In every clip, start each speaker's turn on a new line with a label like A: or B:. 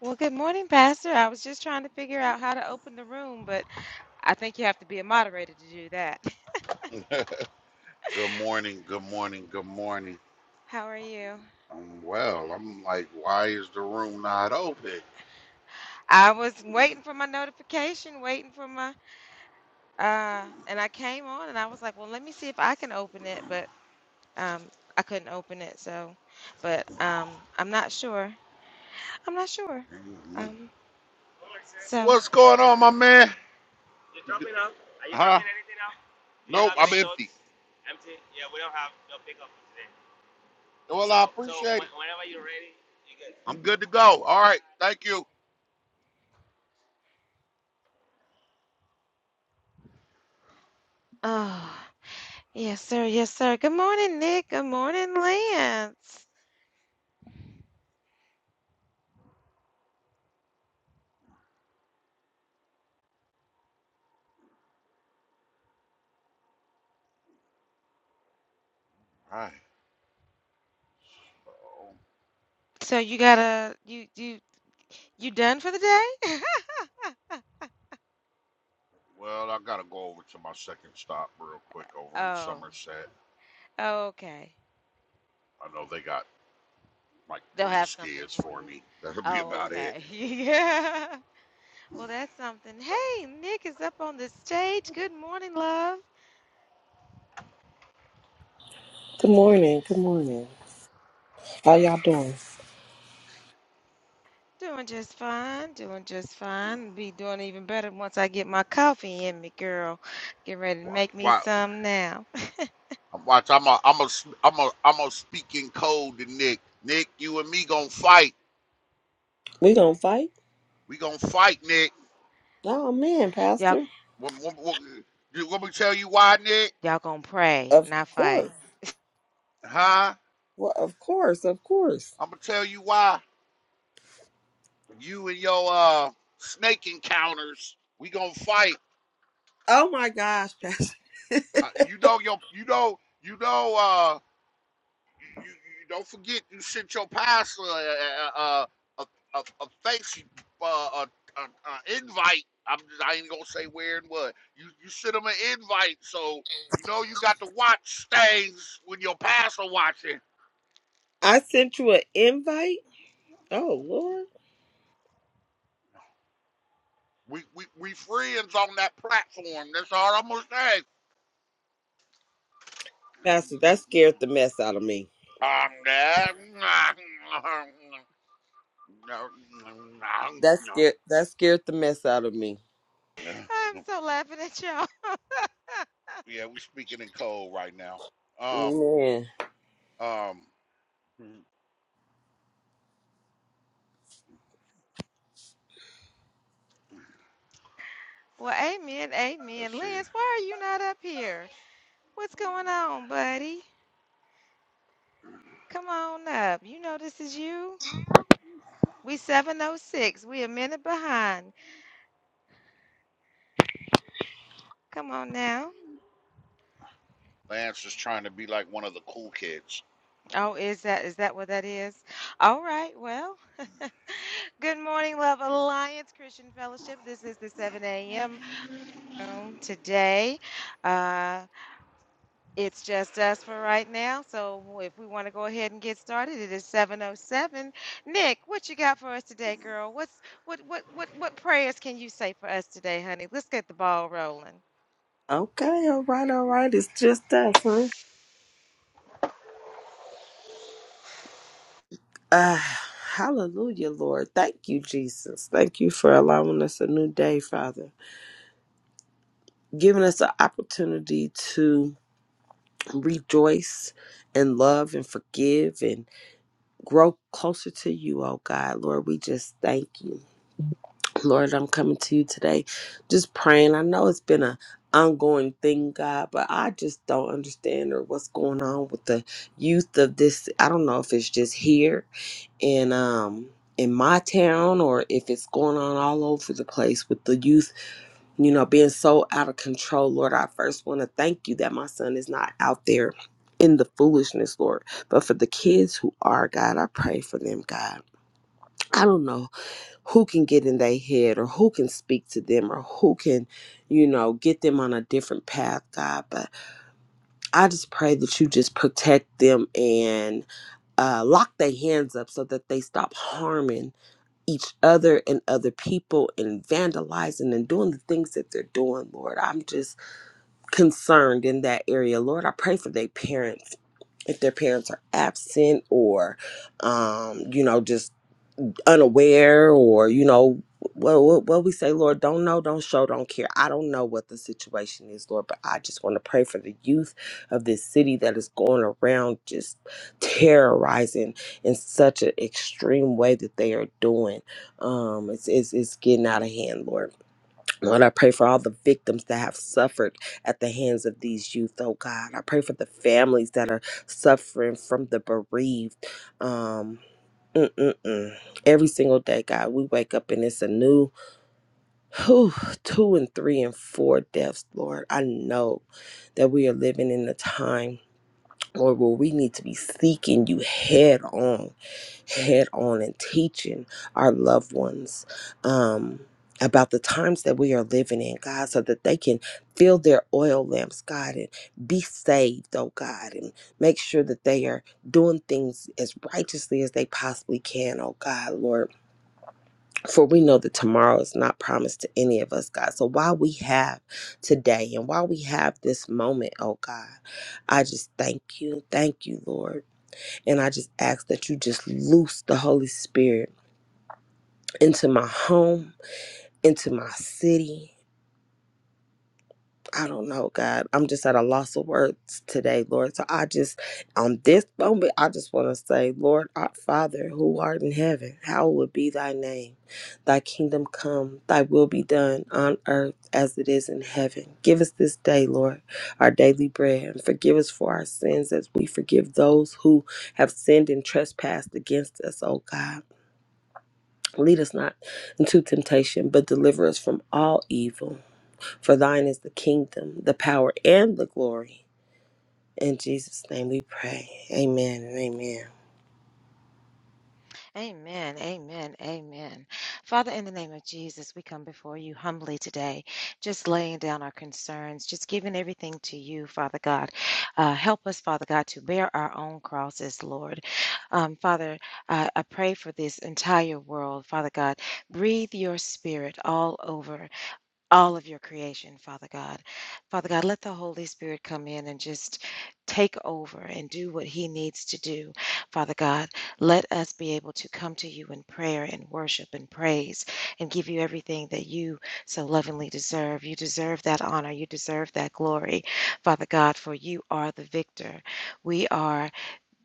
A: Well, good morning, Pastor. I was just trying to figure out how to open the room, but I think you have to be a moderator to do that.
B: Good morning, good morning, good morning.
A: How are you?
B: I'm well. I'm like, why is the room not open?
A: I was waiting for my notification, waiting for my uh and I came on and I was like, "Well, let me see if I can open it," but um I couldn't open it, so but um I'm not sure. I'm not sure.
B: Mhm.
A: Um so
B: What's going on, my man? Huh? Nope, I'm
A: ouch.
B: empty. Well, I appreciate it. I'm good to go. All right, thank you. All
A: Oh, yes, sir. Yes, sir. Good morning, Nick. Good morning, Lance.
B: right. So,
A: So you gotta you you you done for the day?
B: well, I gotta go over to my second stop real quick over in
A: Oh,
B: Somerset.
A: okay.
B: I know they got like
A: They'll
B: three
A: have something
B: skids
A: for
B: for
A: you.
B: me. That'll be
A: Oh,
B: about it.
A: okay. Yeah. Well, that's something. Hey, Nick is up on the stage. Good morning, love.
C: Good morning. Good morning. How y'all doing?
A: Doing just fine. Doing just fine. Be doing even better once I get my coffee in me, girl. Get ready to
B: Why?
A: make me some now.
B: watch, I'm a, I'm a, I'm a, I'm a speak in code to Nick. Nick, you and me gonna fight.
C: We gonna fight?
B: We gonna fight, Nick.
C: Oh man,
A: Y'all,
C: Pastor.
B: What, what, what, you want me to tell you why, Nick?
A: y'all gonna pray,
C: Of
A: not
C: course.
A: fight.
B: Huh?
C: Well, of course, of course.
B: I'm gonna tell you why. You and your uh snake encounters. We gonna fight.
C: Oh my gosh, Pastor.
B: Uh, you know your, you know, you know. uh You, you, don't forget you sent your pastor a a a, a, a face uh, a, a, a invite. I'm just, I ain't gonna say where and what. You you sent him an invite, so you know you got to watch things when your pastor watching.
C: I sent you an invite. Oh Lord,
B: We we we friends on that platform. That's all I'm gonna say.
C: Pastor, that scared the mess out of me.
B: Um, that-
C: That scared. That scared the mess out of me.
A: I'm so laughing at y'all.
B: Yeah, we're speaking in code right now. Um,
C: Man.
B: um.
A: Well, amen,
B: Let's
A: amen.
B: see.
A: Lance, why are you not up here? What's going on, buddy? Come on up. You know this is you. We 706. We a minute behind. Come on now.
B: Lance is trying to be like one of the cool kids.
A: Oh, is that is that what that is? All right. Well, good morning, Love Alliance Christian Fellowship. This is the 7 a.m. room today. Uh. It's just us for right now. So if we want to go ahead and get started, it is 7:07. Nick, what you got for us today, girl? What's what what what what prayers can you say for us today, honey? Let's get the ball rolling.
C: Okay. All right. All right. It's just us, huh? Ah. Hallelujah, Lord. Thank you, Jesus. Thank you for allowing us a new day, Father. Giving us an opportunity to rejoice and love and forgive and grow closer to you, oh God. Lord, we just thank you. Lord, I'm coming to you today just praying. I know it's been a ongoing thing, God, but I just don't understand or what's going on with the youth of this. I don't know if it's just here in um in my town or if it's going on all over the place with the youth you know, being so out of control, Lord, I first want to thank you that my son is not out there in the foolishness, Lord. But for the kids who are, God, I pray for them, God. I don't know who can get in their head or who can speak to them or who can, you know, get them on a different path, God. But I just pray that you just protect them and uh, lock their hands up so that they stop harming each other and other people and vandalizing and doing the things that they're doing, Lord. I'm just concerned in that area. Lord, I pray for their parents. If their parents are absent or, um, you know, just unaware or, you know, well, what, what we say, Lord, don't know, don't show, don't care. I don't know what the situation is, Lord, but I just want to pray for the youth of this city that is going around just terrorizing in such an extreme way that they are doing. Um, it's, it's, it's getting out of hand, Lord. Lord, I pray for all the victims that have suffered at the hands of these youth, oh God. I pray for the families that are suffering from the bereaved. Um, mm, mm, mm. Every single day, God, we wake up and it's a new whew, two and three and four deaths, Lord. I know that we are living in a time. Lord, where we need to be seeking you head on, head on, and teaching our loved ones um, about the times that we are living in, God, so that they can fill their oil lamps, God, and be saved, oh God, and make sure that they are doing things as righteously as they possibly can, oh God, Lord. For we know that tomorrow is not promised to any of us, God. So while we have today and while we have this moment, oh God, I just thank you. Thank you, Lord. And I just ask that you just loose the Holy Spirit into my home, into my city. I don't know, God. I'm just at a loss of words today, Lord. So I just, on this moment, I just want to say, Lord, our Father, who art in heaven, hallowed be thy name. Thy kingdom come, thy will be done on earth as it is in heaven. Give us this day, Lord, our daily bread, and forgive us for our sins as we forgive those who have sinned and trespassed against us, O God. Lead us not into temptation, but deliver us from all evil. For thine is the kingdom, the power, and the glory. In Jesus' name we pray. Amen and amen.
A: Amen. Amen. Amen. Father, in the name of Jesus, we come before you humbly today, just laying down our concerns, just giving everything to you, Father God. Uh, help us, Father God, to bear our own crosses, Lord. Um, Father, I I pray for this entire world, Father God. Breathe your spirit all over all of your creation, Father God. Father God, let the Holy Spirit come in and just take over and do what he needs to do. Father God, let us be able to come to you in prayer and worship and praise and give you everything that you so lovingly deserve. You deserve that honor, you deserve that glory, Father God, for you are the victor. We are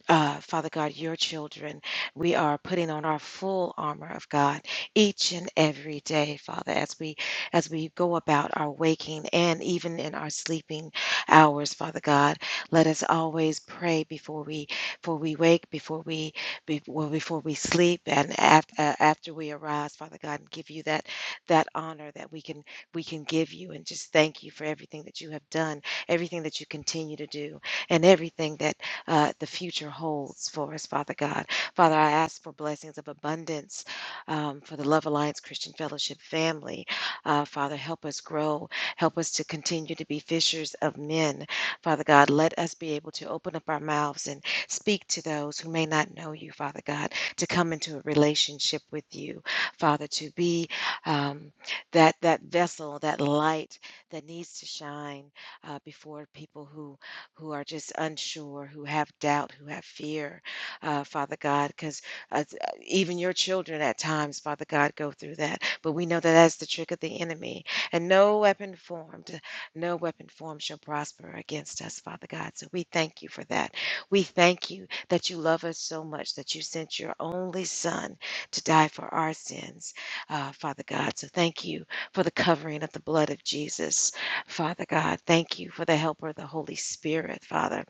A: uh, Father God, your children, we are putting on our full armor of God each and every day, Father, as we as we go about our waking and even in our sleeping hours, Father God. Let us always pray before we before we wake, before we before, before we sleep, and after uh, after we arise, Father God, and give you that that honor that we can we can give you, and just thank you for everything that you have done, everything that you continue to do, and everything that uh, the future holds for us, Father God. Father, I ask for blessings of abundance um, for the Love Alliance Christian Fellowship family. Uh, Father, help us grow. Help us to continue to be fishers of men. Father God, let us be able to open up our mouths and speak to those who may not know you, Father God, to come into a relationship with you, Father, to be um, that that vessel, that light that needs to shine uh, before people who who are just unsure, who have doubt, who have fear, uh, Father God, because uh, uh, even your children at times, Father God, go through that. But we know that that's the trick of the enemy. And no weapon formed, no weapon formed shall prosper against us, Father God. So we thank you for that. We thank you that you love us so much that you sent your only Son to die for our sins, uh, Father God. So thank you for the covering of the blood of Jesus. Father God, thank you for the helper, the Holy Spirit, Father.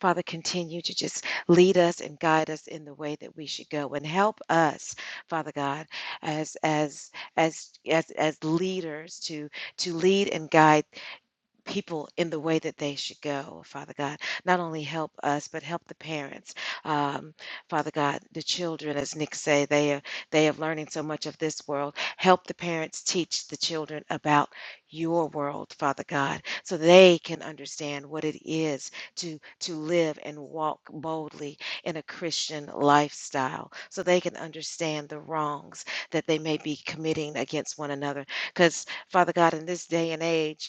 A: Father, continue to just lead us and guide us in the way that we should go and help us, Father God, as as as as as leaders to to lead and guide people in the way that they should go, Father God. Not only help us, but help the parents, um, Father God, the children, as Nick say, they are they are learning so much of this world. Help the parents teach the children about your world, Father God, so they can understand what it is to to live and walk boldly in a Christian lifestyle, so they can understand the wrongs that they may be committing against one another. Because Father God, in this day and age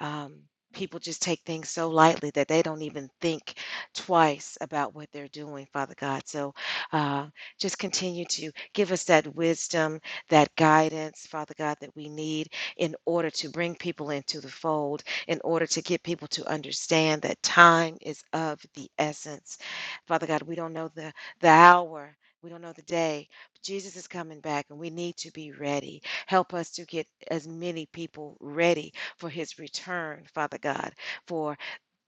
A: um, people just take things so lightly that they don't even think twice about what they're doing, Father God. So uh, just continue to give us that wisdom, that guidance, Father God, that we need in order to bring people into the fold, in order to get people to understand that time is of the essence. Father God, we don't know the, the hour. We don't know the day. but Jesus is coming back and we need to be ready. Help us to get as many people ready for his return, Father God. For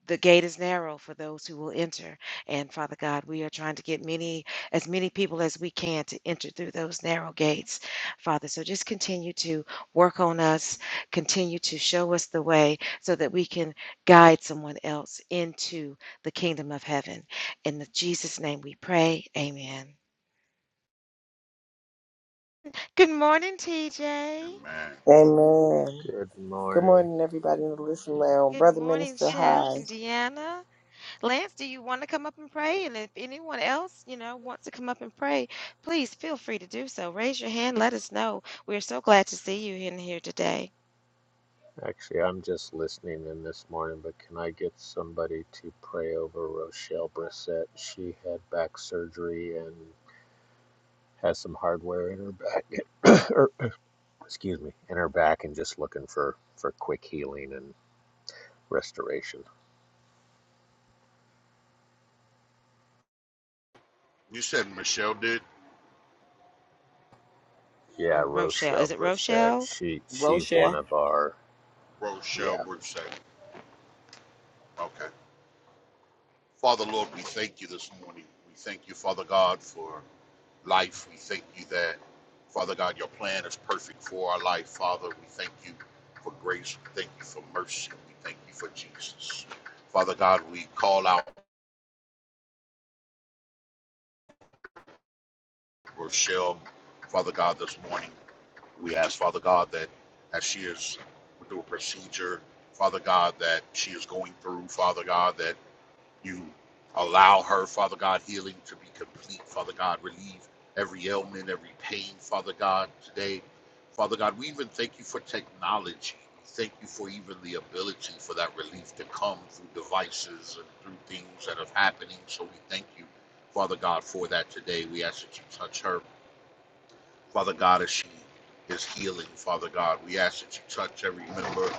A: the gate is narrow for those who will enter. And Father God, we are trying to get many, as many people as we can to enter through those narrow gates, Father. So just continue to work on us, continue to show us the way so that we can guide someone else into the kingdom of heaven. In the Jesus' name we pray. Amen. Good morning,
B: Yeah,
A: TJ.
B: man.
C: Amen.
D: Good
C: Good
D: morning.
C: morning, everybody in the listening lounge.
A: Good
C: Brother
A: morning,
C: Minister,
A: Chef
C: hi.
A: and Deanna. Lance, do you want to come up and pray? And if anyone else, you know, wants to come up and pray, please feel free to do so. Raise your hand. Let us know. We're so glad to see you in here today.
D: Actually, I'm just listening in this morning, but can I get somebody to pray over Rochelle Brissett? She had back surgery and has some hardware in her back, or, excuse me, in her back, and just looking for for quick healing and restoration.
B: You said Michelle did?
D: Yeah,
A: Oh, Rochelle.
D: Rochelle
A: Is it
D: Brissett.
A: Rochelle?
D: She she's one
C: Rochelle.
D: of our.
B: Rochelle
D: Yeah,
B: Brissett. Okay. Father Lord, we thank you this morning. We thank you, Father God, for life. We thank you that, Father God, your plan is perfect for our life, Father. We thank you for grace. We thank you for mercy. We thank you for Jesus. Father God, we call out Rochelle, Father God, this morning. We ask, Father God, that as she is through a procedure, Father God, that she is going through, Father God, that you allow her, Father God, healing to be complete, Father God, relieve every ailment, every pain, Father God, today. Father God, we even thank you for technology. We thank you for even the ability for that relief to come through devices and through things that are happening. So we thank you, Father God, for that today. We ask that you touch her Father God, as she is healing, Father God, we ask that you touch every member,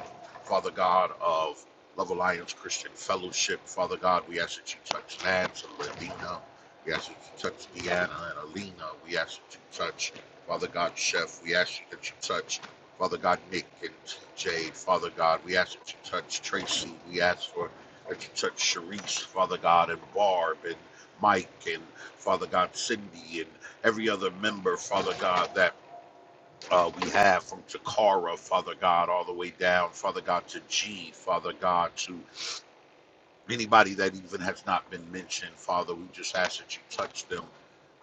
B: Father God, of Love Alliance Christian Fellowship. Father God, we ask that you touch Lance and Lavina. We ask that you touch Deanna and Alina. We ask that you touch, Father God, Chef. We ask that you touch, Father God, Nick and TJ. Father God, we ask that you touch Tracy. We ask for that you touch Sharice, Father God, and Barb and Mike and Father God, Cindy and every other member, Father God, that uh, we have from Takara, Father God, all the way down, Father God, to G, Father God, to. Anybody that even has not been mentioned, Father, we just ask that you touch them,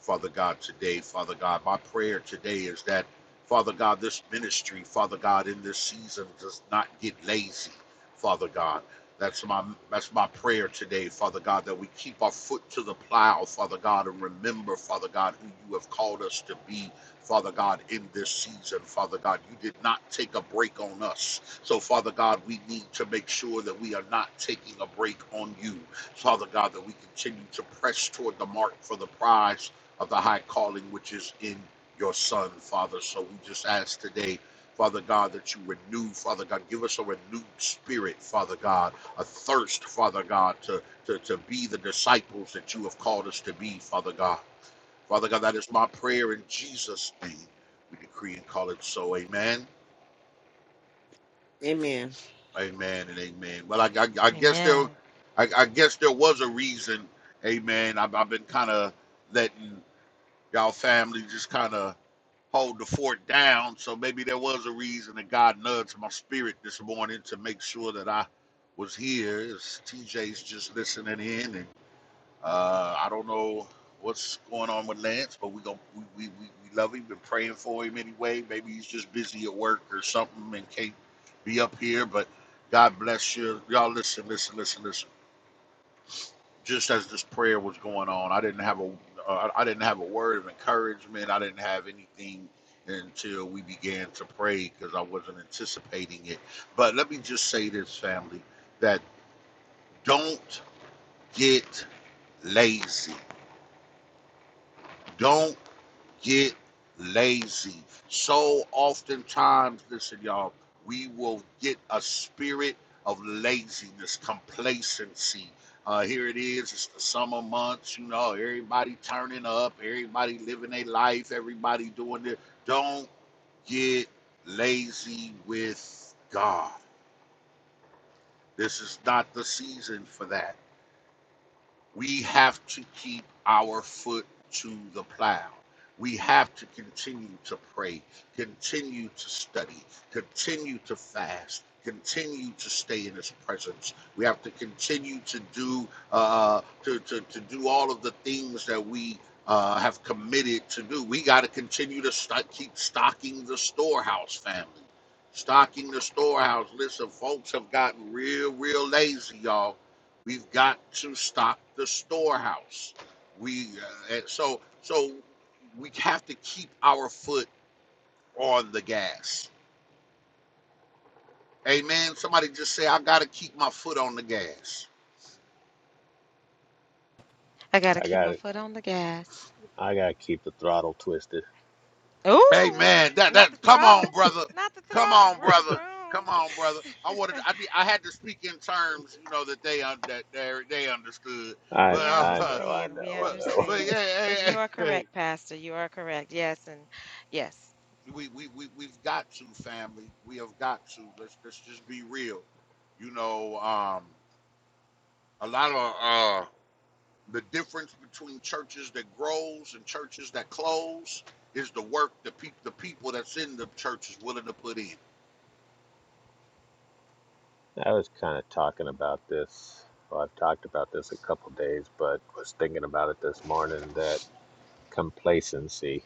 B: Father God, today. Father God, my prayer today is that, Father God, this ministry, Father God, in this season does not get lazy, Father God. That's my that's my prayer today, Father God, that we keep our foot to the plow, Father God, and remember, Father God, who you have called us to be, Father God, in this season, Father God. You did not take a break on us. So, Father God, we need to make sure that we are not taking a break on you. Father God, that we continue to press toward the mark for the prize of the high calling which is in your Son, Father. So, we just ask today. Father God, that you renew, Father God, give us a renewed spirit, Father God, a thirst, Father God, to, to, to be the disciples that you have called us to be, Father God. Father God, that is my prayer in Jesus' name. We decree and call it so. Amen.
C: Amen.
B: Amen and amen. Well, I, I, I guess there,
A: Amen.
B: I, I guess there was a reason. Amen. I've, I've been kind of letting y'all family just kind of hold the fort down. So maybe there was a reason that God nudged my spirit this morning to make sure that I was here. As TJ's just listening in, and uh, I don't know what's going on with Lance, but we go we, we, we, we love him. Been praying for him anyway. Maybe he's just busy at work or something and can't be up here. But God bless you, y'all. Listen, listen, listen, listen. Just as this prayer was going on, I didn't have a uh, I didn't have a word of encouragement. I didn't have anything until we began to pray because I wasn't anticipating it. But let me just say this, family, that don't get lazy. Don't get lazy. So oftentimes, listen, y'all, we will get a spirit of laziness, complacency. Uh, here it is, it's the summer months, you know, everybody turning up, everybody living their life, everybody doing it. Don't get lazy with God. This is not the season for that we have to keep our foot to the plow. We have to continue to pray, continue to study, continue to fast, continue to stay in His presence. We have to continue to do uh, to, to to do all of the things that we. Uh, have committed to do. We got to continue to st- keep stocking the storehouse, family. Stocking the storehouse. Listen, folks have gotten real, real lazy, y'all We've got to stock the storehouse. We uh, and so so we have to keep our foot on the gas. Amen. Somebody just say, I gotta keep my foot on the gas.
A: I got to
D: I
A: keep my
D: gotta
A: foot on the gas.
D: I gotta keep the throttle twisted.
A: Ooh,
B: Amen. That
A: not the
B: that come
A: throttle.
B: on, brother.
A: Not the
B: Come
A: throttle.
B: on,
A: Vroom,
B: brother. Come
A: vroom.
B: on, brother. I wanted I did, I had to speak in terms, you know, that they un- that they they understood.
D: I
A: We
B: But
D: I know
B: uh,
D: I
A: understand. We
D: know I
B: but
D: know.
B: but
A: understand. But you are
B: yeah,
A: correct, Pastor. You are correct. Yes. And yes,
B: we, we, we we've got to family. We have got to. Let's let's just be real. You know, um, a lot of uh, the difference between churches that grows and churches that close is the work the pe- the people that's in the church is willing to put in.
D: I was kind of talking about this. Well, I've talked about this a couple days, but was thinking about it this morning that complacency,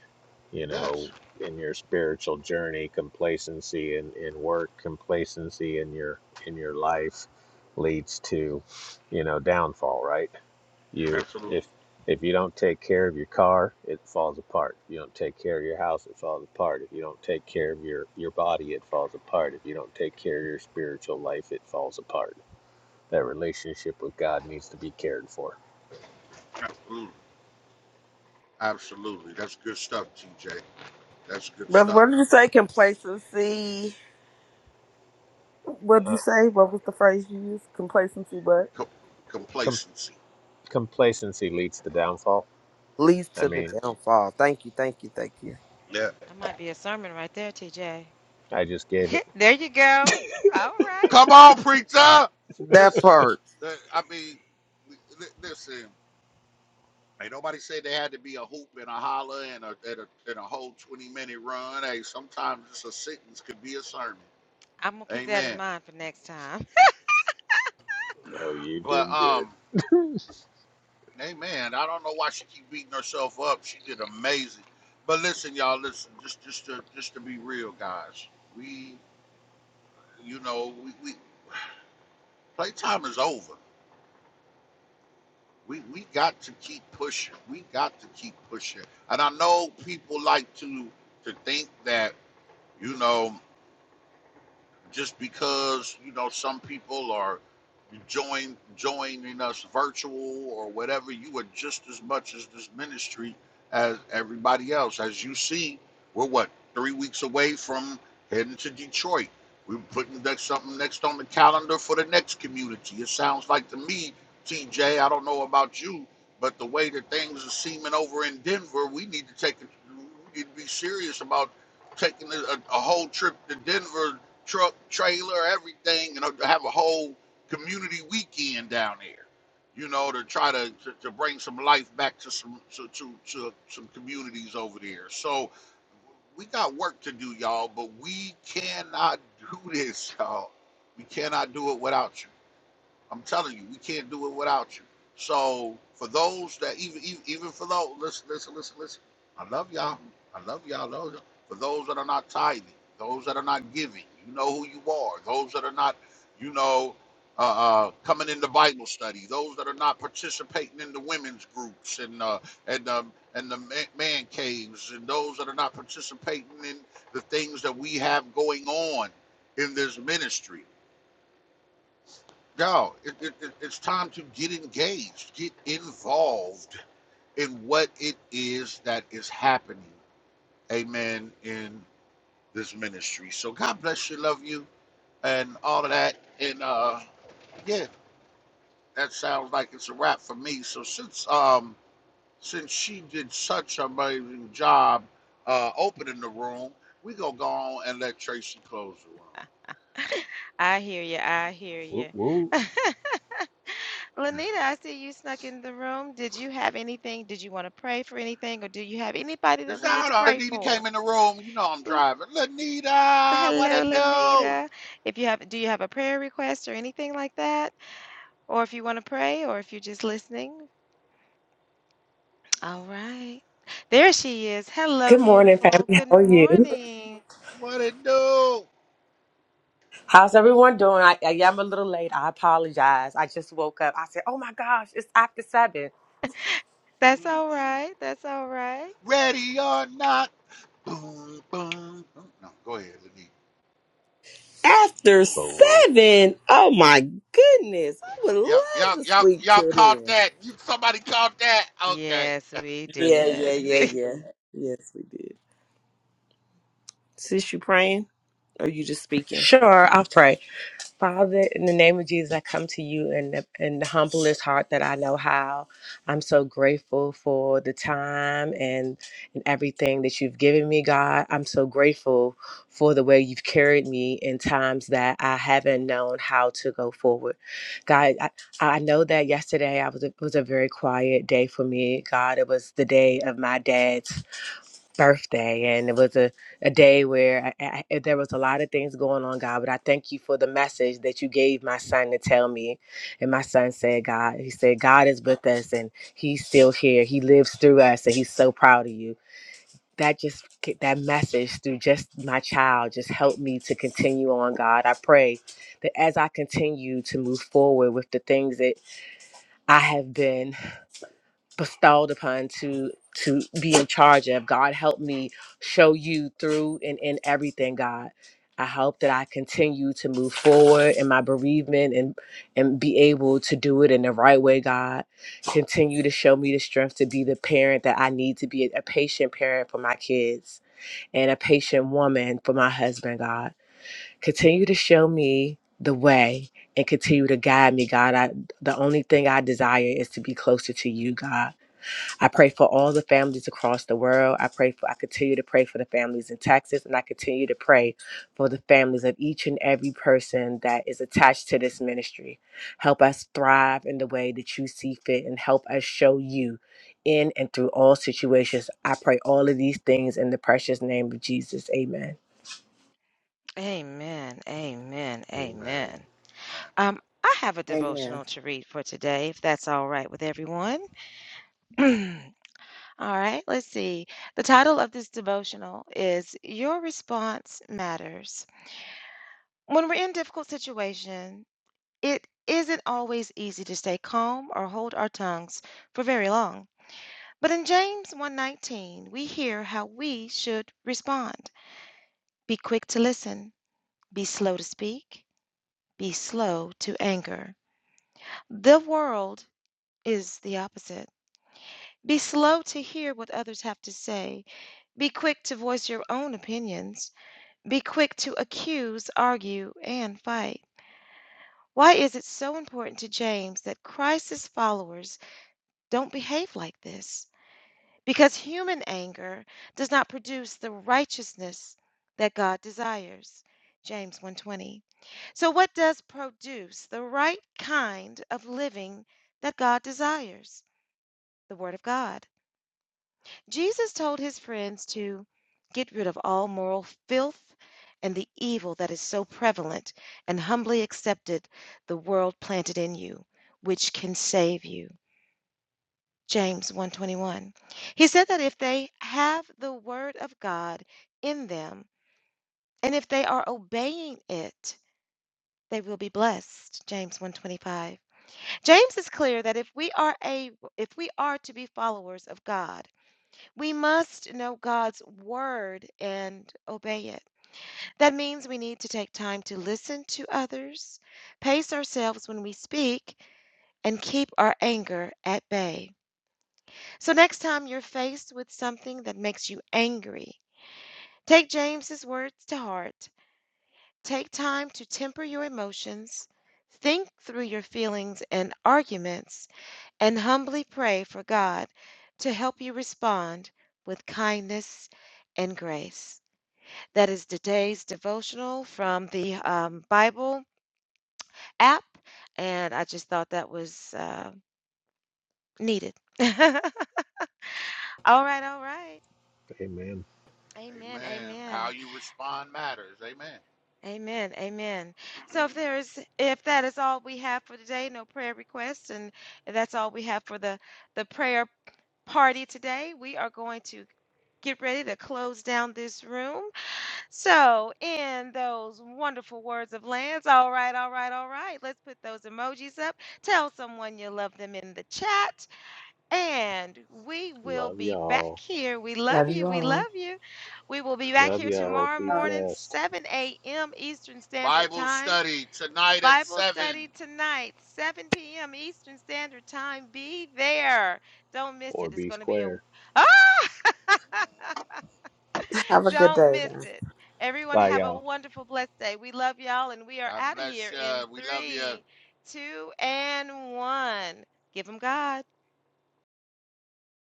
D: you know,
B: Yes,
D: in your spiritual journey, complacency in, in work, complacency in your in your life leads to, you know, downfall, right? You
B: absolutely,
D: if if you don't take care of your car, it falls apart. If you don't take care of your house, it falls apart. If you don't take care of your, your body, it falls apart. If you don't take care of your spiritual life, it falls apart. That relationship with God needs to be cared for.
B: absolutely, absolutely. That's good stuff, TJ. That's good
C: Brother, what did you
B: stuff.
C: say? Complacency what did you
D: Uh,
C: say? What was the phrase you used? Complacency what?
B: Com-
D: com-
B: complacency.
D: complacency leads to downfall.
C: leads
D: I
C: to the
D: mean,
C: downfall. Thank you, thank you, thank you.
B: Yeah.
A: that might be a sermon right there, TJ.
D: I just gave it.
A: there you go. All right.
B: Come on, preacher.
C: That
B: Listen,
C: part.
B: the- I mean, li- li- listen. Ain't nobody said they had to be a hoop and a holler and a, and a, and a whole 20 minute run. Hey, sometimes just a sentence could be a sermon.
A: I'm gonna keep that in
B: Amen.
A: mind for next time.
D: Oh, you
B: But,
D: did good.
B: um, amen. I don't know why she keep beating herself up. She did amazing. But listen, y'all, listen, just, just to, just to be real guys, we, you know, we, we playtime is over. We, we got to keep pushing. We got to keep pushing. And I know people like to, to think that, you know, just because you know some people are join joining us virtual or whatever you are just as much as this ministry as everybody else as you see we're what three weeks away from heading to detroit we're putting next, something next on the calendar for the next community it sounds like to me tj i don't know about you but the way that things are seeming over in denver we need to take it we need to be serious about taking a a whole trip to denver truck, trailer, everything, and have a whole community weekend down there. You know, to try to, to, to bring some life back to some to, to, to some communities over there. So we got work to do, y'all, but we cannot do this, y'all. We cannot do it without you. I'm telling you, we can't do it without you. So for those that even even, even for those listen listen listen listen, I love y'all. I love y'all. Love y'all. For those that are not tithing, those that are not giving, you know who you are. Those that are not, you know, uh, uh, coming into Bible study. Those that are not participating in the women's groups and uh, and um, and the man, man caves, and those that are not participating in the things that we have going on in this ministry no, it, it, it, it's time to get engaged, get involved in what it is that is happening. Amen. In this ministry. So God bless you, love you, and all of that. And uh, yeah, that sounds like it's a wrap for me. So since um since she did such an amazing job uh, opening the room, we gonna go on and let Tracy close the
A: I hear you. I hear
D: Whoop,
A: you.
D: whoop.
B: room.
A: Lanita, I see you snuck in the room. Did you have anything? Did you want to pray for anything, or do you have anybody that
B: Is
A: we need
B: that
A: to
B: how
A: pray
B: Lanita
A: for?
B: came in the room? You know I'm
A: L-
B: driving. Lanita, what
A: Hello,
B: it do?
A: Lanita. If you have, do you have a prayer request or anything like that, or if you want to pray, or if you're just listening? All right. There she is. Hello,
E: Good morning,
A: beautiful.
E: family.
A: Good
E: How are you?
A: morning.
B: What it do?
E: How's everyone doing? I, I am a little late. I apologize. I just woke up. I said, "Oh my gosh, it's after seven."
A: That's all
B: Mm-mm.
A: right. That's all right.
B: Ready or not? Boom, boom. No, go ahead, Lenny.
C: After
D: Fool.
C: seven, oh my goodness, I would
B: Y'all,
C: love
B: y'all,
C: to
B: y'all,
C: sleep
B: y'all
C: till
B: caught
C: then.
B: that? You, somebody caught that? Okay,
A: Yes, we
C: Yeah, yeah,
A: did.
C: yeah, yeah. Yes, we did. Sis, you praying or you just speaking?
E: Sure, I'll pray. Father, in the name of Jesus, I come to you in the, in the humblest heart that I know how. I'm so grateful for the time and, and everything that you've given me, God. I'm so grateful for the way you've carried me in times that I haven't known how to go forward. God, I, I know that yesterday I was a, was a very quiet day for me. God, it was the day of my dad's birthday and it was a, a day where I, I, there was a lot of things going on god but i thank you for the message that you gave my son to tell me and my son said god he said god is with us and he's still here he lives through us and he's so proud of you that just that message through just my child just helped me to continue on god i pray that as i continue to move forward with the things that i have been bestowed upon to to be in charge of god help me show you through and in everything god i hope that i continue to move forward in my bereavement and and be able to do it in the right way god continue to show me the strength to be the parent that i need to be a patient parent for my kids and a patient woman for my husband god continue to show me the way and continue to guide me god I, the only thing i desire is to be closer to you god I pray for all the families across the world. I pray for I continue to pray for the families in Texas and I continue to pray for the families of each and every person that is attached to this ministry. Help us thrive in the way that you see fit and help us show you in and through all situations. I pray all of these things in the precious name of Jesus. Amen.
A: Amen. Amen.
B: man,
D: Amen.
A: Amen.
B: man,
A: Um, I have a
C: Amen.
A: devotional to read for today, if that's all right with everyone. all right, let's see. The title of this devotional is Your Response Matters. When we're in difficult situations, it isn't always easy to stay calm or hold our tongues for very long. But in James one nineteen, we hear how we should respond. Be quick to listen, be slow to speak, be slow to anger. The world is the opposite. Be slow to hear what others have to say. Be quick to voice your own opinions. Be quick to accuse, argue, and fight. Why is it so important to James that Christ's followers don't behave like this? Because human anger does not produce the righteousness that God desires. James one twenty. So what does produce the right kind of living that God desires? The word of God. Jesus told his friends to get rid of all moral filth and the evil that is so prevalent and humbly accepted the world planted in you, which can save you. James one twenty one. He said that if they have the word of God in them and if they are obeying it, they will be blessed. James one twenty five. James is clear that if we are a if we are to be followers of God, We must know God's word and obey it. That means we need to take time to listen to others, pace ourselves when we speak, and keep our anger at bay. So, next time you're faced with something that makes you angry, take James's words to heart. Take time to temper your emotions, think through your feelings and arguments, and humbly pray for God to help you respond with kindness and grace. That is today's devotional from the um, Bible app. And I just thought that was uh, needed. all right, all right.
D: Amen.
A: Amen,
B: amen. How
A: amen,
B: you respond matters. Amen.
A: amen, amen. So if there is, if that is all we have for today, no prayer requests, and that's all we have for the the prayer party today, we are going to get ready to close down this room. So, in those wonderful words of Lance, all right, all right, all right, let's put those emojis up. Tell someone you love them in the chat, and we will
D: Love
A: be back
D: y'all.
A: here. We love
E: Love
A: you.
E: you
A: We
E: all.
A: love you. We will
B: We
A: be back
B: love
D: Love
A: here
B: you.
D: y'all.
A: tomorrow
D: Be
C: Uh,
A: morning,
D: blessed
A: 7 a.m. Eastern Standard
B: Bible
A: Time.
B: study tonight at
A: Bible
B: seven.
A: study tonight, 7 p.m. Eastern Standard Time. Be there. Don't miss
D: or
A: it. It's
D: be
A: going to be a.
D: square.
A: Ah!
C: have a good
A: Don't
C: day.
A: miss
C: guys.
A: it. Everyone
D: Bye,
A: have
D: y'all.
A: a wonderful, blessed day. We love y'all, and we are
B: God
A: out of
B: bless
A: here
B: you.
A: in
B: We love you.
A: three, two, and one. Give them God.